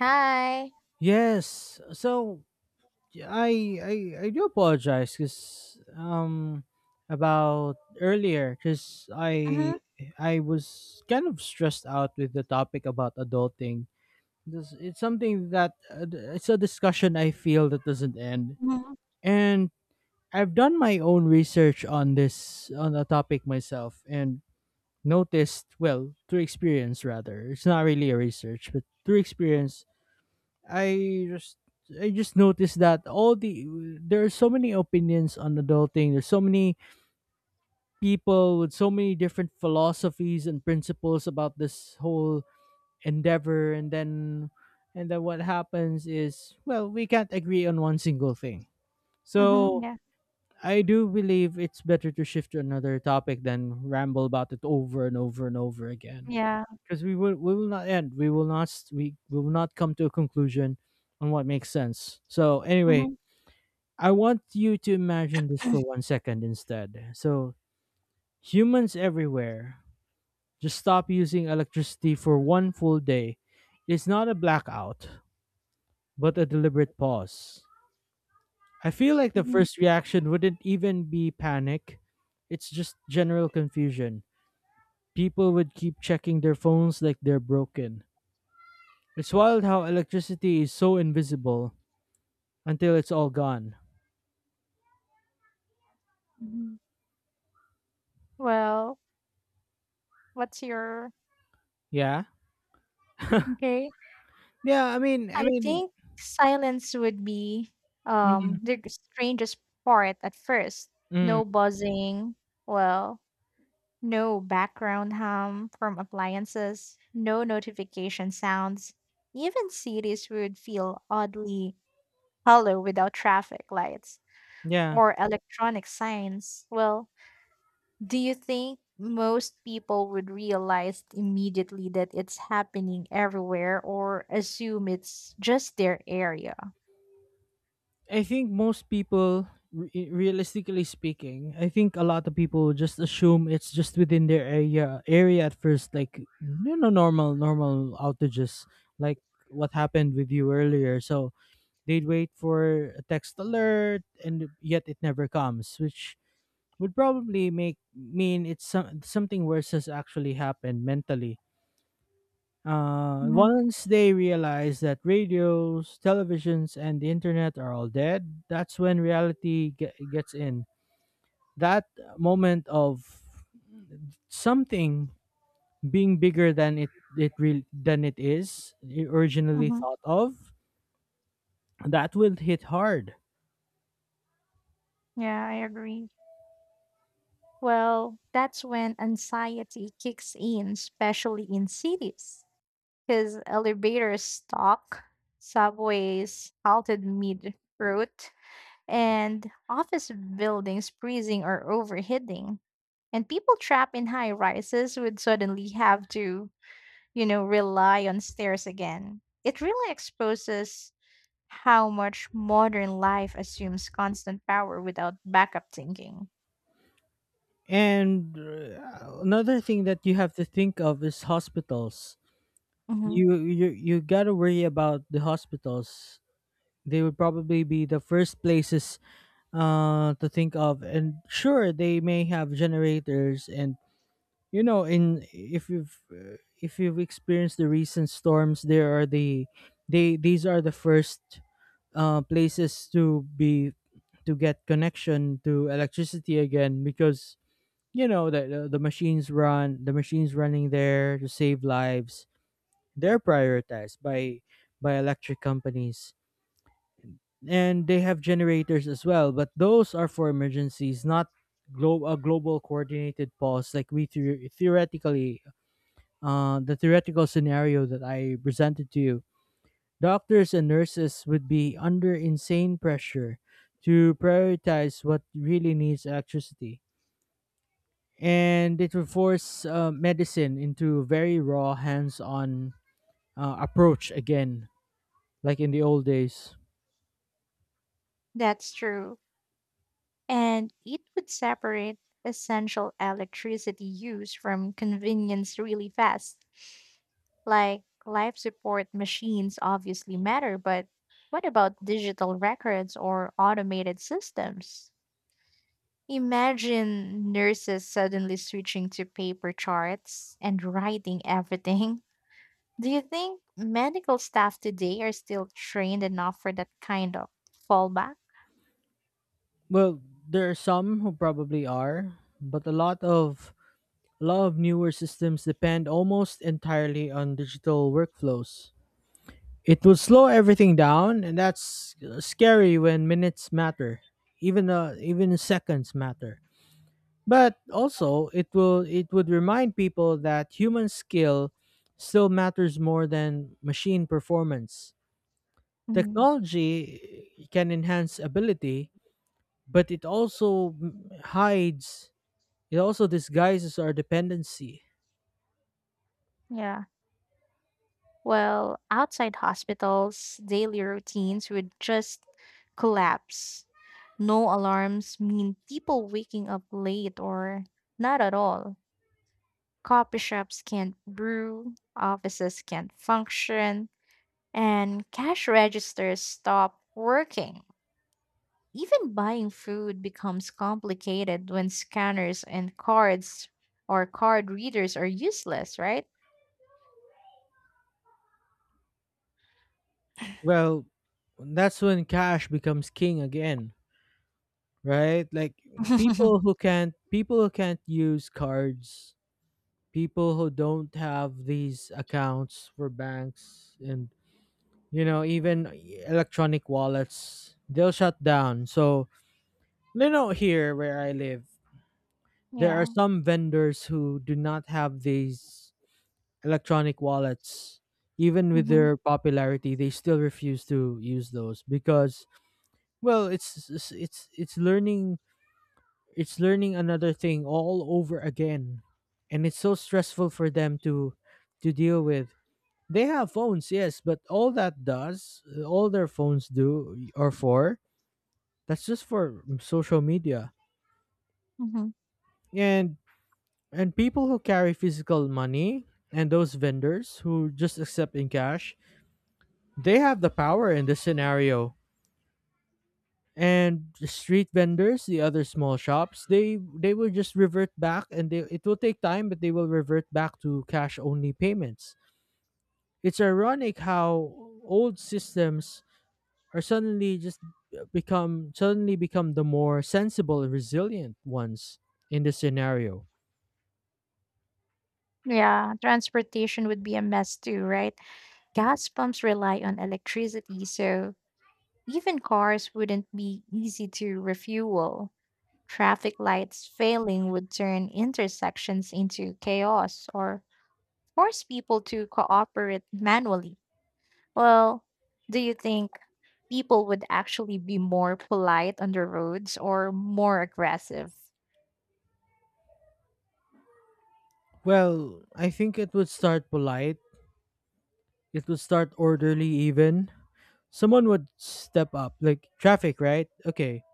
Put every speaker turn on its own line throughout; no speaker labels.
Hi.
Yes. So yeah, I I do apologize because um about earlier because I
Mhm,
I was kind of stressed out with the topic about adulting. This It's something that it's a discussion I feel that doesn't end.
mhm,
And I've done my own research on this on the topic myself and noticed, well, through experience rather, it's not really a research but through experience, I just I just noticed that all the there are so many opinions on adulting. There's so many people with so many different philosophies and principles about this whole endeavor, and then what happens is, well, we can't agree on one single thing.
mhm,
So
yeah,
I do believe it's better to shift to another topic than ramble about it over and over and over again
yeah,
because we will not end. We will not come to a conclusion on what makes sense. So anyway,
mhm,
I want you to imagine this for one second instead. So humans everywhere just stop using electricity for one full day. It's not a blackout, but a deliberate pause. I feel like the
mhm,
first reaction wouldn't even be panic. It's just general confusion. People would keep checking their phones like they're broken. It's wild how electricity is so invisible until it's all gone.
mhm. Well, what's your
Yeah.
okay?
Yeah, I mean, I
I
mean,
think silence would be
mm,
the strangest part at first.
mm,
No buzzing, well, no background hum from appliances, no notification sounds. Even cities would feel oddly hollow without traffic lights
yeah.
or electronic signs. Well, do you think most people would realize immediately that it's happening everywhere or assume it's just their area?
I think most people, realistically speaking, I think a lot of people just assume it's just within their area at first, like, normal outages, like what happened with you earlier. So they'd wait for a text alert, and yet it never comes, which would probably make mean it's something worse has actually happened mentally.
Hmm.
Once they realize that radios, televisions, and the internet are all dead, that's when reality gets in. That moment of something being bigger than it it real than it is originally
Hmm.
thought of, that will hit hard.
Yeah, I agree. Well, that's when anxiety kicks in, especially in cities, because elevators stuck, subways halted mid route, and office buildings freezing or overheating. And people trapped in high rises would suddenly have to, rely on stairs again. It really exposes how much modern life assumes constant power without backup thinking.
And another thing that you have to think of is hospitals.
Mhm.
You gotta worry about the hospitals. They would probably be the first places to think of, and sure, they may have generators, and in if you've experienced the recent storms, there are the they these are the first places to be to get connection to electricity again because, you know, the machines running there to save lives. They're prioritized by electric companies, and they have generators as well, but those are for emergencies, not a global coordinated pause like theoretically, the theoretical scenario that I presented to you. Doctors and nurses would be under insane pressure to prioritize what really needs electricity, and it would force medicine into very raw, hands-on approach again, like in the old days.
That's true. And it would separate essential electricity use from convenience really fast. Like life support machines obviously matter, but what about digital records or automated systems? Imagine nurses suddenly switching to paper charts and writing everything. Do you think medical staff today are still trained enough for that kind of fallback?
Well, there are some who probably are, but a lot of newer systems depend almost entirely on digital workflows. It will slow everything down, and that's scary when minutes matter, even seconds matter. But also, it would remind people that human skill still matters more than machine performance.
Mm,
Technology can enhance ability, but it also disguises our dependency.
yeah. Well, outside hospitals, daily routines would just collapse. No alarms mean people waking up late or not at all. Coffee shops can't brew, offices can't function, and cash registers stop working. Even buying food becomes complicated when scanners and cards or card readers are useless, right?
Well, that's when cash becomes king again, right? Like, people who can't use cards, people who don't have these accounts for banks and, even electronic wallets, they'll shut down. So, here where I live, there are
Yeah.
some vendors who do not have these electronic wallets. Even with
Hmm.
their popularity, they still refuse to use those because, well, it's learning another thing all over again, and it's so stressful for them to deal with. They have phones, yes, but all that does all their phones do are for that's just for social media.
Hmm.
And and people who carry physical money and those vendors who just accept in cash, they have the power in this scenario. And the street vendors, the other small shops, they will just revert back, and they it will take time, but they will revert back to cash only payments. It's ironic how old systems are suddenly just become suddenly become the more sensible, resilient ones in this scenario.
Yeah. Transportation would be a mess too, right? Gas pumps rely on electricity, so even cars wouldn't be easy to refuel. Traffic lights failing would turn intersections into chaos or force people to cooperate manually, well, do you think people would actually be more polite on the roads or more aggressive?
Well, I think it would start polite. It would start orderly, even. Someone would step up. Like traffic, right? Okay.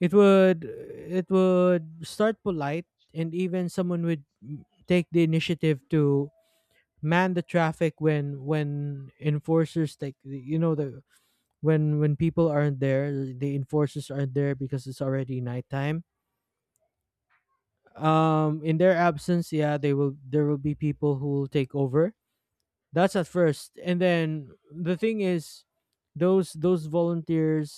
It would it would start polite, and even someone would take the initiative to man the traffic when enforcers take the- you know the when people aren't there, the enforcers aren't there because it's already nighttime, in their absence. Yeah, they will— there will be people who will take over. That's at first, and then the thing is, those volunteers,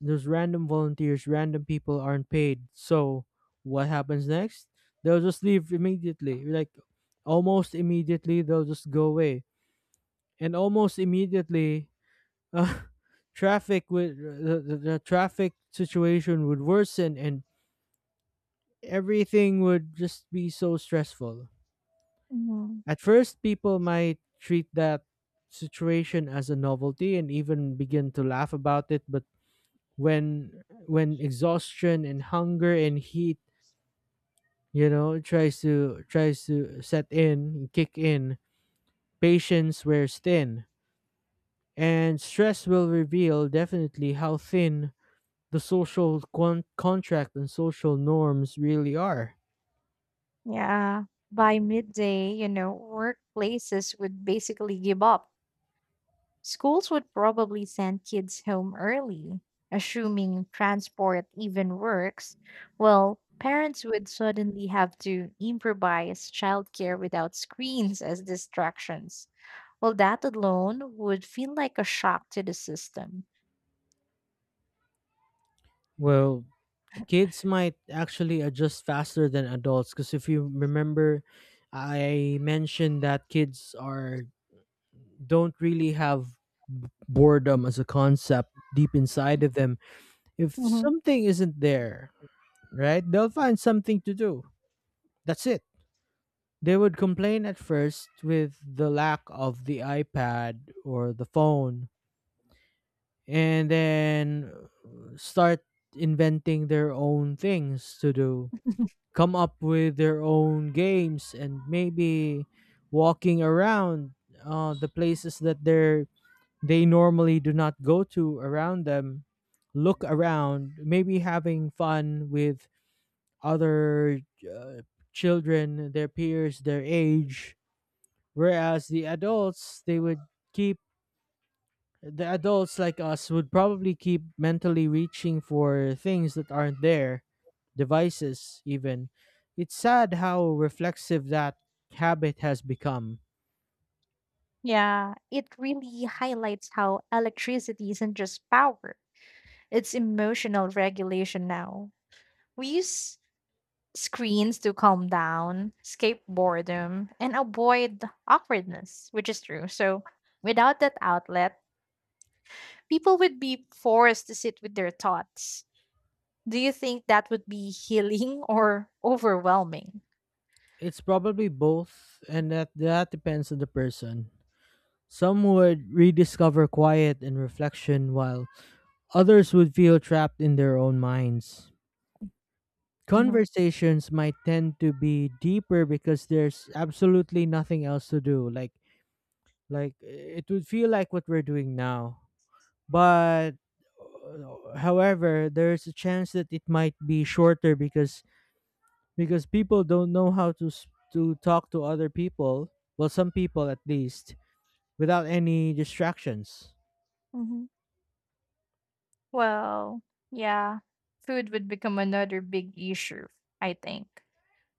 those random volunteers, random people aren't paid. So what happens next? They'll just leave immediately, like almost immediately. They'll just go away, and almost immediately, uh, traffic would the traffic situation would worsen, and everything would just be so stressful.
Mhm.
At first, people might treat that situation as a novelty and even begin to laugh about it, but when exhaustion and hunger and heat, you know, tries to set in, kick in, patience wears thin, and stress will reveal definitely how thin the social contract and social norms really are.
Yeah. By midday, you know, workplaces would basically give up. Schools would probably send kids home early, assuming transport even works. Well, parents would suddenly have to improvise childcare without screens as distractions. Well, that alone would feel like a shock to the system.
Well, kids might actually adjust faster than adults because, if you remember, I mentioned that kids are don't really have boredom as a concept deep inside of them. If
Hmm.
something isn't there, right, they'll find something to do. That's it. They would complain at first with the lack of the iPad or the phone, and then start inventing their own things to do, come up with their own games, and maybe walking around the places that they normally do not go to around them. Look around, maybe having fun with other uh, children, their peers, their age. Whereas the adults, keep the adults like us would probably keep mentally reaching for things that aren't there, devices even. It's sad how reflexive that habit has become.
Yeah, it really highlights how electricity isn't just power, it's emotional regulation now. We use screens to calm down, escape boredom, and avoid awkwardness, which is true. So, without that outlet, people would be forced to sit with their thoughts. Do you think that would be healing or overwhelming?
It's probably both, and that depends on the person. Some would rediscover quiet and reflection, while others would feel trapped in their own minds. Conversations might tend to be deeper because there's absolutely nothing else to do, like it would feel like what we're doing now, but however, there's a chance that it might be shorter because people don't know how to to talk to other people, well, some people at least, without any distractions.
Hmm. Well, yeah, food would become another big issue, I think.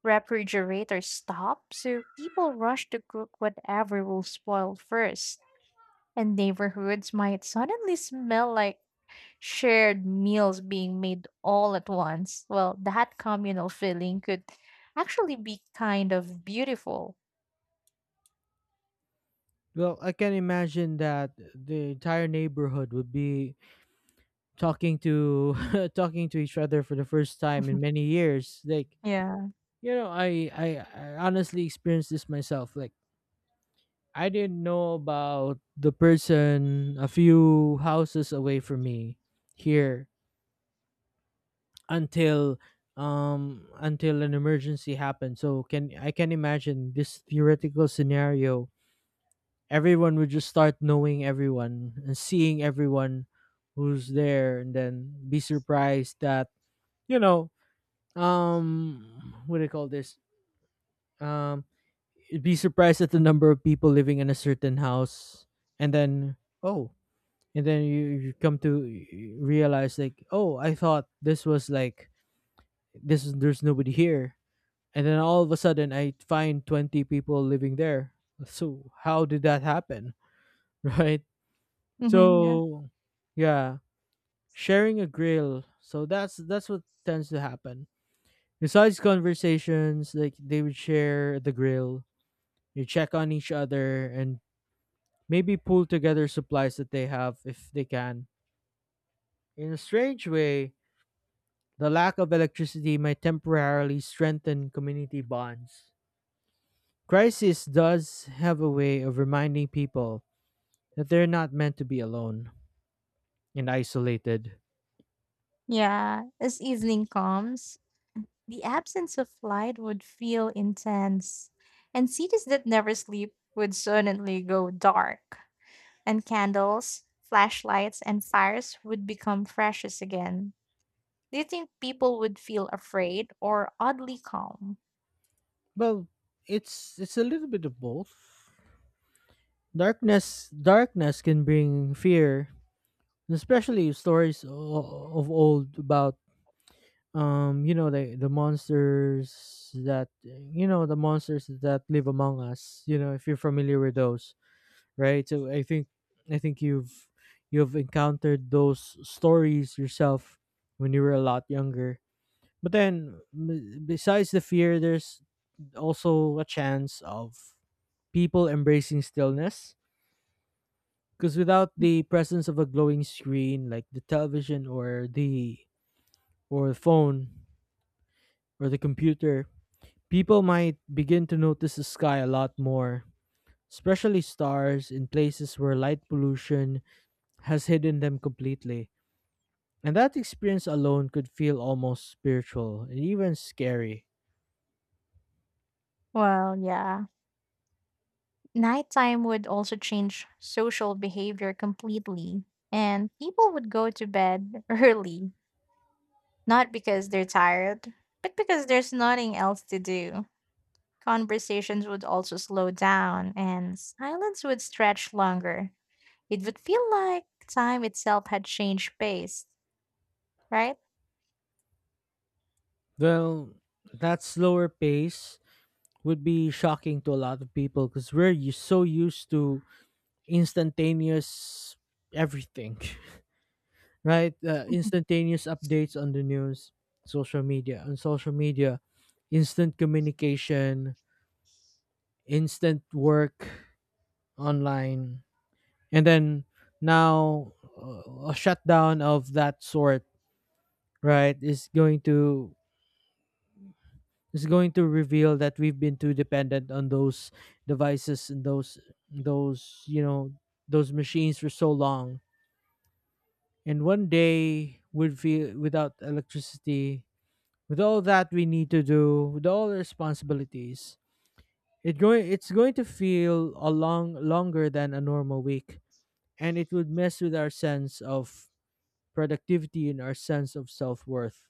Refrigerators stop, so people rush to cook whatever will spoil first. And neighborhoods might suddenly smell like shared meals being made all at once. Well, that communal feeling could actually be kind of beautiful.
Well, I can imagine that the entire neighborhood would be talking to— talking to each other for the first time in many years. Like,
Yeah.
you know, I honestly experienced this myself. Like, I didn't know about the person a few houses away from me here until, until an emergency happened. So can I can imagine this theoretical scenario. Everyone would just start knowing everyone and seeing everyone who's there, and then be surprised that, you know, um what do you call this? Um You'd be surprised at the number of people living in a certain house, and then, oh, and then you come to realize, like, oh, I thought this was like, this is there's nobody here, and then all of a sudden I find 20 people living there. So how did that happen? Right?
Hmm. Yeah.
So yeah, sharing a grill. So that's what tends to happen besides conversations. Like, they would share the grill, you check on each other, and maybe pull together supplies that they have if they can. In a strange way, the lack of electricity might temporarily strengthen community bonds. Crisis does have a way of reminding people that they're not meant to be alone and isolated.
Yeah. As evening comes, the absence of light would feel intense, and cities that never sleep would suddenly go dark, and candles, flashlights, and fires would become precious again. Do you think people would feel afraid or oddly calm?
Well, it's a little bit of both. Darkness can bring fear, especially stories of old about, you know, the monsters that, you know, the monsters that live among us. You know, if you're familiar with those, right? So I think you've encountered those stories yourself when you were a lot younger. But then, besides the fear, there's also a chance of people embracing stillness because, without the presence of a glowing screen like the television or the phone or the computer, people might begin to notice the sky a lot more, especially stars in places where light pollution has hidden them completely. And that experience alone could feel almost spiritual and even scary.
Well, yeah. Nighttime would also change social behavior completely, and people would go to bed early, not because they're tired, but because there's nothing else to do. Conversations would also slow down, and silence would stretch longer. It would feel like time itself had changed pace, right?
Well, that slower pace would be shocking to a lot of people because we're so used to instantaneous everything, right?
Mhm.
Instantaneous updates on the news, on social media, instant communication, instant work online, and then now, a shutdown of that sort, right, is going to reveal that we've been too dependent on those devices and those you know those machines for so long. And one day would feel, without electricity, with all that we need to do, with all the responsibilities, it's going to feel a long longer than a normal week, and it would mess with our sense of productivity and our sense of self worth.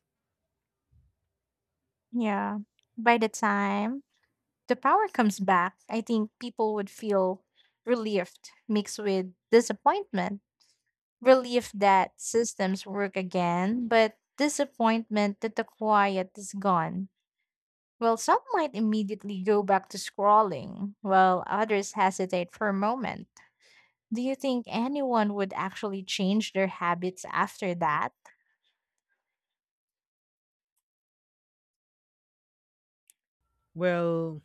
Yeah. By the time the power comes back, I think people would feel relieved mixed with disappointment. Relief that systems work again, but disappointment that the quiet is gone. Well, some might immediately go back to scrolling, while others hesitate for a moment. Do you think anyone would actually change their habits after that?
Well,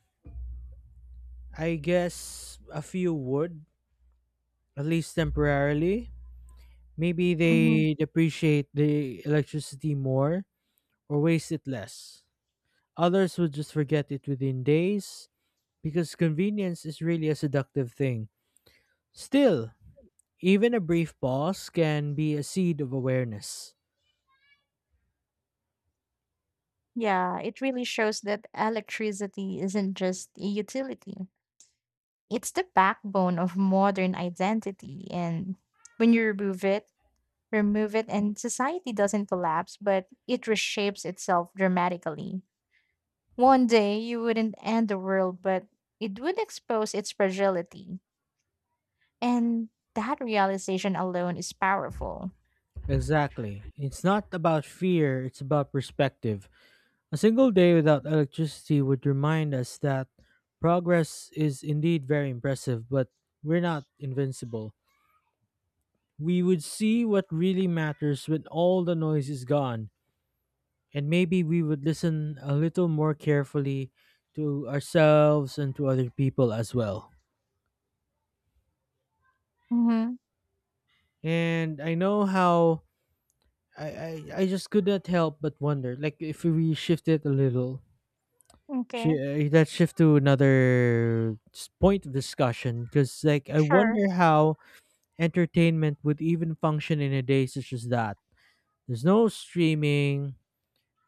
I guess a few would, at least temporarily. Maybe
Mhm.
they depreciate the electricity more or waste it less. Others would just forget it within days because convenience is really a seductive thing. Still, even a brief pause can be a seed of awareness.
Yeah, it really shows that electricity isn't just a utility. It's the backbone of modern identity. And when you remove it, and society doesn't collapse, but it reshapes itself dramatically. One day you wouldn't end the world, but it would expose its fragility. And that realization alone is powerful.
Exactly. It's not about fear, it's about perspective. A single day without electricity would remind us that progress is indeed very impressive, but we're not invincible. We would see what really matters when all the noise is gone, and maybe we would listen a little more carefully to ourselves and to other people as well.
Mm-hmm.
And I know how I just could not help but wonder, like, if we shift it a little,
Okay.
that shift to another point of discussion, because, like, I
Sure.
wonder how entertainment would even function in a day such as that. There's no streaming,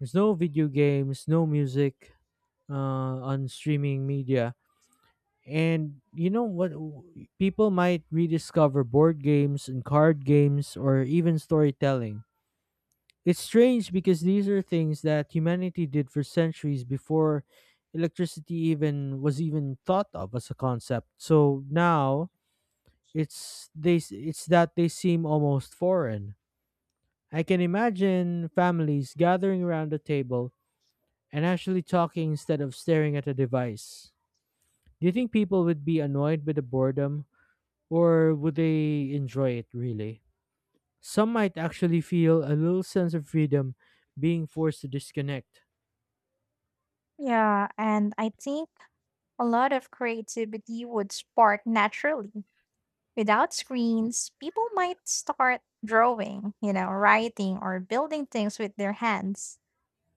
there's no video games, no music, on streaming media. And, you know what, people might rediscover board games and card games, or even storytelling. It's strange because these are things that humanity did for centuries before electricity even was even thought of as a concept. So now it's that they seem almost foreign. I can imagine families gathering around a table and actually talking instead of staring at a device. Do you think people would be annoyed by the boredom, or would they enjoy it really? Some might actually feel a little sense of freedom being forced to disconnect.
Yeah, and I think a lot of creativity would spark naturally. Without screens, people might start drawing, you know, writing or building things with their hands.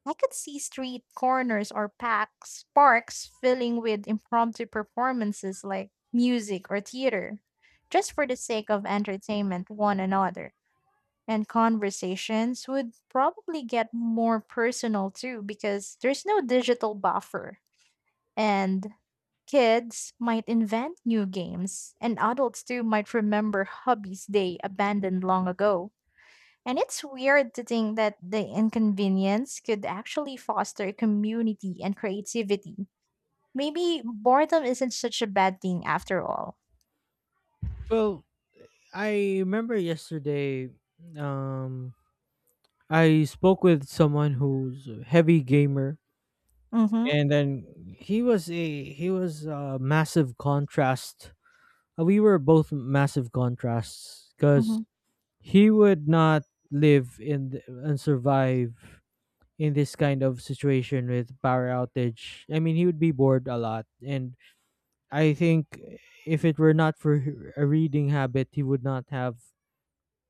I could see street corners or packs, parks filling with impromptu performances like music or theater, just for the sake of entertainment one another. And conversations would probably get more personal too because there's no digital buffer, and kids might invent new games, and adults too might remember hobbies they abandoned long ago. And it's weird to think that the inconvenience could actually foster community and creativity. Maybe boredom isn't such a bad thing after all.
Well, I remember yesterday, um I spoke with someone who's a heavy gamer,
Mm-hmm.
and then he was a massive contrast. We were both massive contrasts, cuz
Mm-hmm.
he would not live and survive in this kind of situation with power outage. I mean, he would be bored a lot, and I think if it were not for a reading habit, he would not have,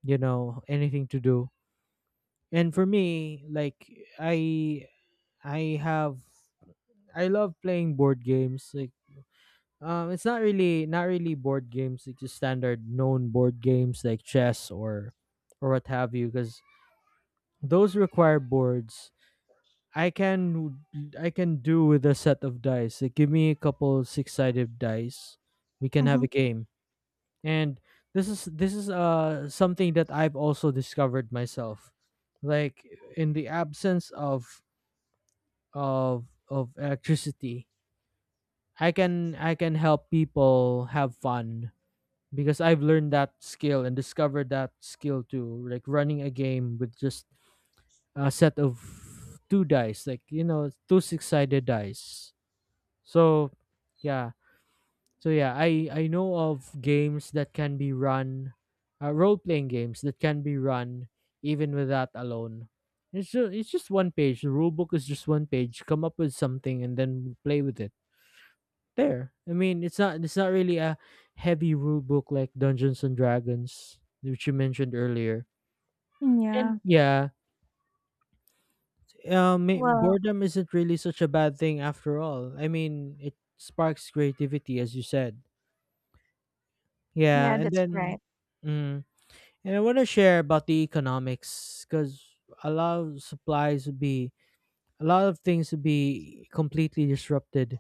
you know, anything to do. And for me, like, I I have I love playing board games. Like, it's not really board games, like just standard known board games like chess, or what have you, because those require boards. I can I can do with a set of dice. Like, give me a couple six-sided dice. We can have
Mm-hmm.
a game. And this is something that I've also discovered myself. Like, in the absence of electricity, I can help people have fun, because I've learned that skill and discovered that skill too, like running a game with just a set of two dice, like, you know, two six sided dice. So yeah, I know of games that can be run, role playing games that can be run even with that alone. It's just one page, the rule book is just one page. Come up with something and then play with it there. I mean, it's not really a heavy rule book like Dungeons and Dragons, which you mentioned earlier.
Yeah.
And yeah,
Well,
boredom isn't really such a bad thing after all. I mean, it sparks creativity, as you said. Yeah,
yeah,
and
that's
then,
right.
mm, and I want to share about the economics, because a lot of supplies would be a lot of things would be completely disrupted.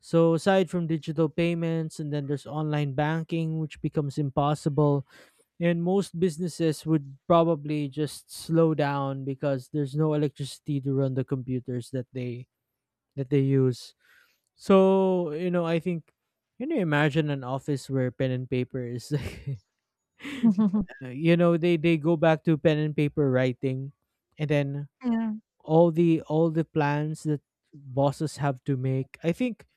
So aside from digital payments, and then there's online banking, which becomes impossible. And most businesses would probably just slow down because there's no electricity to run the computers that they use. So, I think, can you imagine an office where pen and paper is like they go back to pen and paper writing, and then
Yeah.
all the plans that bosses have to make. I think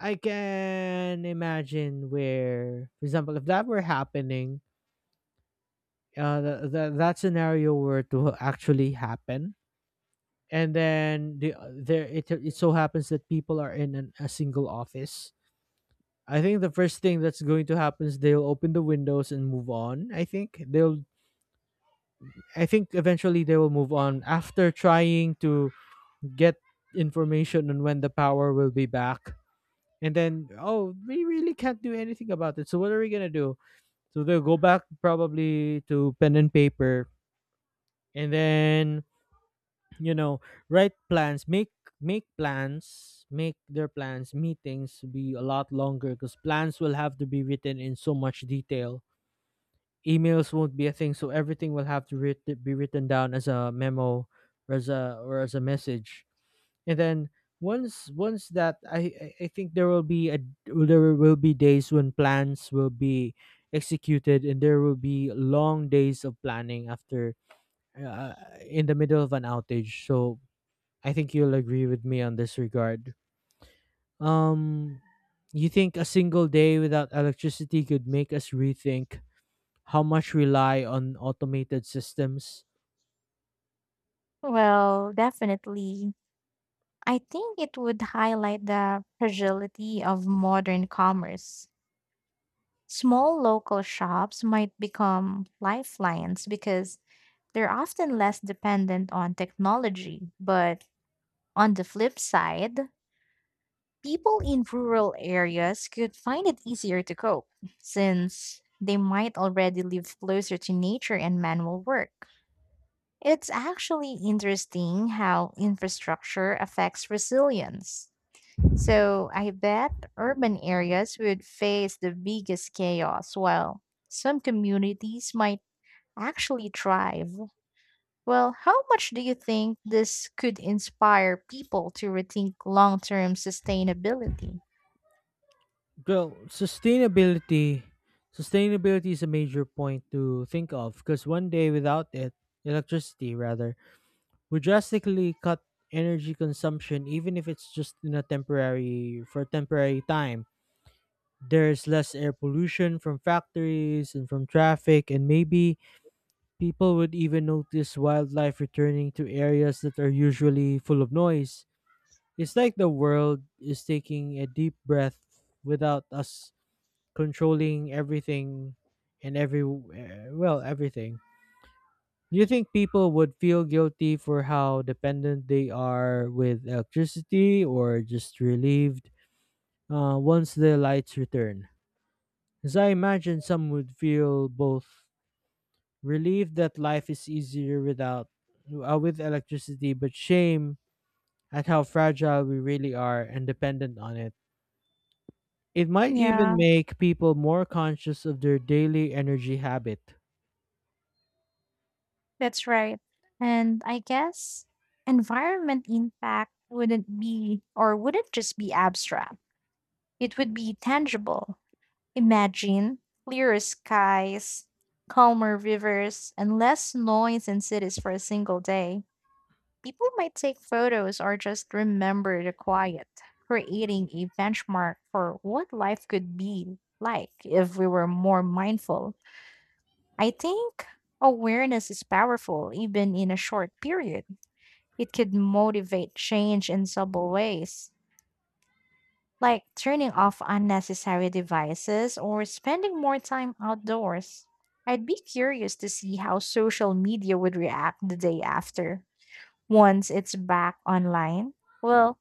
I can imagine where, for example, if that were happening, that scenario were to actually happen, and then there, it so happens that people are in a single office. I think the first thing that's going to happen is they'll open the windows and move on. I think eventually they will move on after trying to get information on when the power will be back, and then, oh, we really can't do anything about it, so what are we going to do? So they'll go back, probably, to pen and paper, and then, you know write plans, make plans, make their plans, meetings be a lot longer because plans will have to be written in so much detail. Emails won't be a thing, so everything will have to be written down as a memo, or as a message. And then once that, I think there will be days when plans will be executed, and there will be long days of planning after, uh, in the middle of an outage. So I think you'll agree with me on this regard. Um, you think a single day without electricity could make us rethink how much rely on automated systems?
Well, definitely. I think it would highlight the fragility of modern commerce. Small local shops might become lifelines because they're often less dependent on technology. But on the flip side, people in rural areas could find it easier to cope since they might already live closer to nature and manual work. It's actually interesting how infrastructure affects resilience. So I bet urban areas would face the biggest chaos, while some communities might actually thrive. Well, how much do you think this could inspire people to rethink long term sustainability?
Well, sustainability is a major point to think of, because one day without it, electricity rather, would drastically cut energy consumption, even if it's just in a temporary for a temporary time. There's less air pollution from factories and from traffic, and maybe people would even notice wildlife returning to areas that are usually full of noise. It's like the world is taking a deep breath without us controlling everything, and well, everything. Do you think people would feel guilty for how dependent they are with electricity, or just relieved, once the lights return? As I imagine, some would feel both. Relief that life is easier without with electricity, but shame at how fragile we really are and dependent on it. It might
Yeah,
even make people more conscious of their daily energy habit.
that's right. And I guess environment impact wouldn't be or wouldn't just be abstract, it would be tangible. Imagine clearer skies, calmer rivers, and less noise in cities for a single day. People might take photos or just remember the quiet, creating a benchmark for what life could be like if we were more mindful. I think awareness is powerful even in a short period. It could motivate change in subtle ways, like turning off unnecessary devices or spending more time outdoors. I'd be curious to see how social media would react the day after, once it's back online. Well,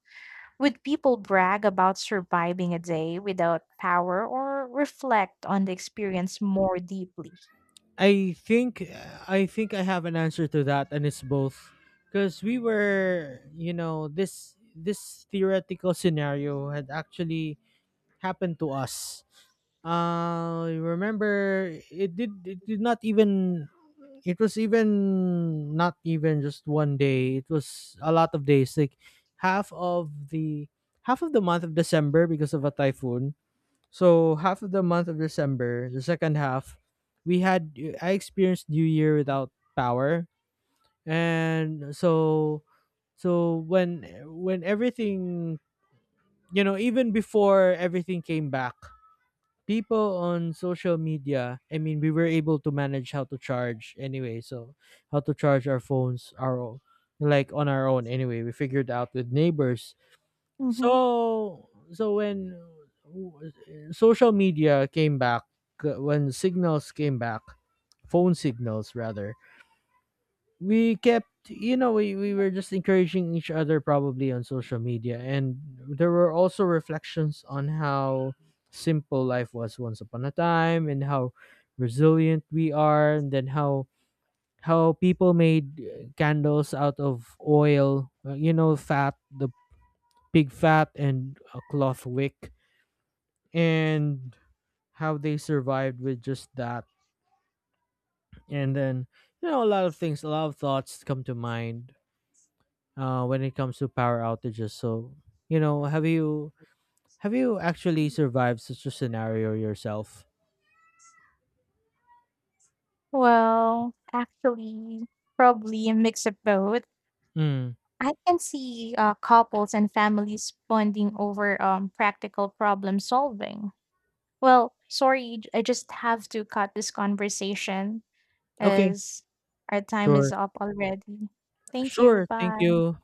would people brag about surviving a day without power or reflect on the experience more deeply?
I think I think I have an answer to that, and it's both, because we were, this theoretical scenario had actually happened to us. Remember, it did not even, it was even not even just one day. It was a lot of days, like half of the half of the month of December, because of a typhoon. So half of the month of December, the second half, we had, I experienced New Year without power. And so, when, everything, even before everything came back, people on social media, I mean, we were able to manage how to charge, anyway. So how to charge our phones, our own like on our own, anyway, we figured out with neighbors.
Hmm.
So, when, w- social media came back, when signals came back, phone signals rather, we kept you know we were just encouraging each other, probably, on social media. And there were also reflections on how simple life was once upon a time, and how resilient we are, and then how, people made, candles out of oil, you know fat the pig fat and a cloth wick, and how they survived with just that. And then, a lot of thoughts come to mind, when it comes to power outages. So, you know, have you have you actually survived such a scenario yourself?
Well, actually, probably a mix of both.
Mm.
I can see couples and families bonding over practical problem solving. Well, sorry, I just have to cut this conversation
Okay,
as our time
sure,
is up already. Thank you.
sure. Thank
Bye.
you.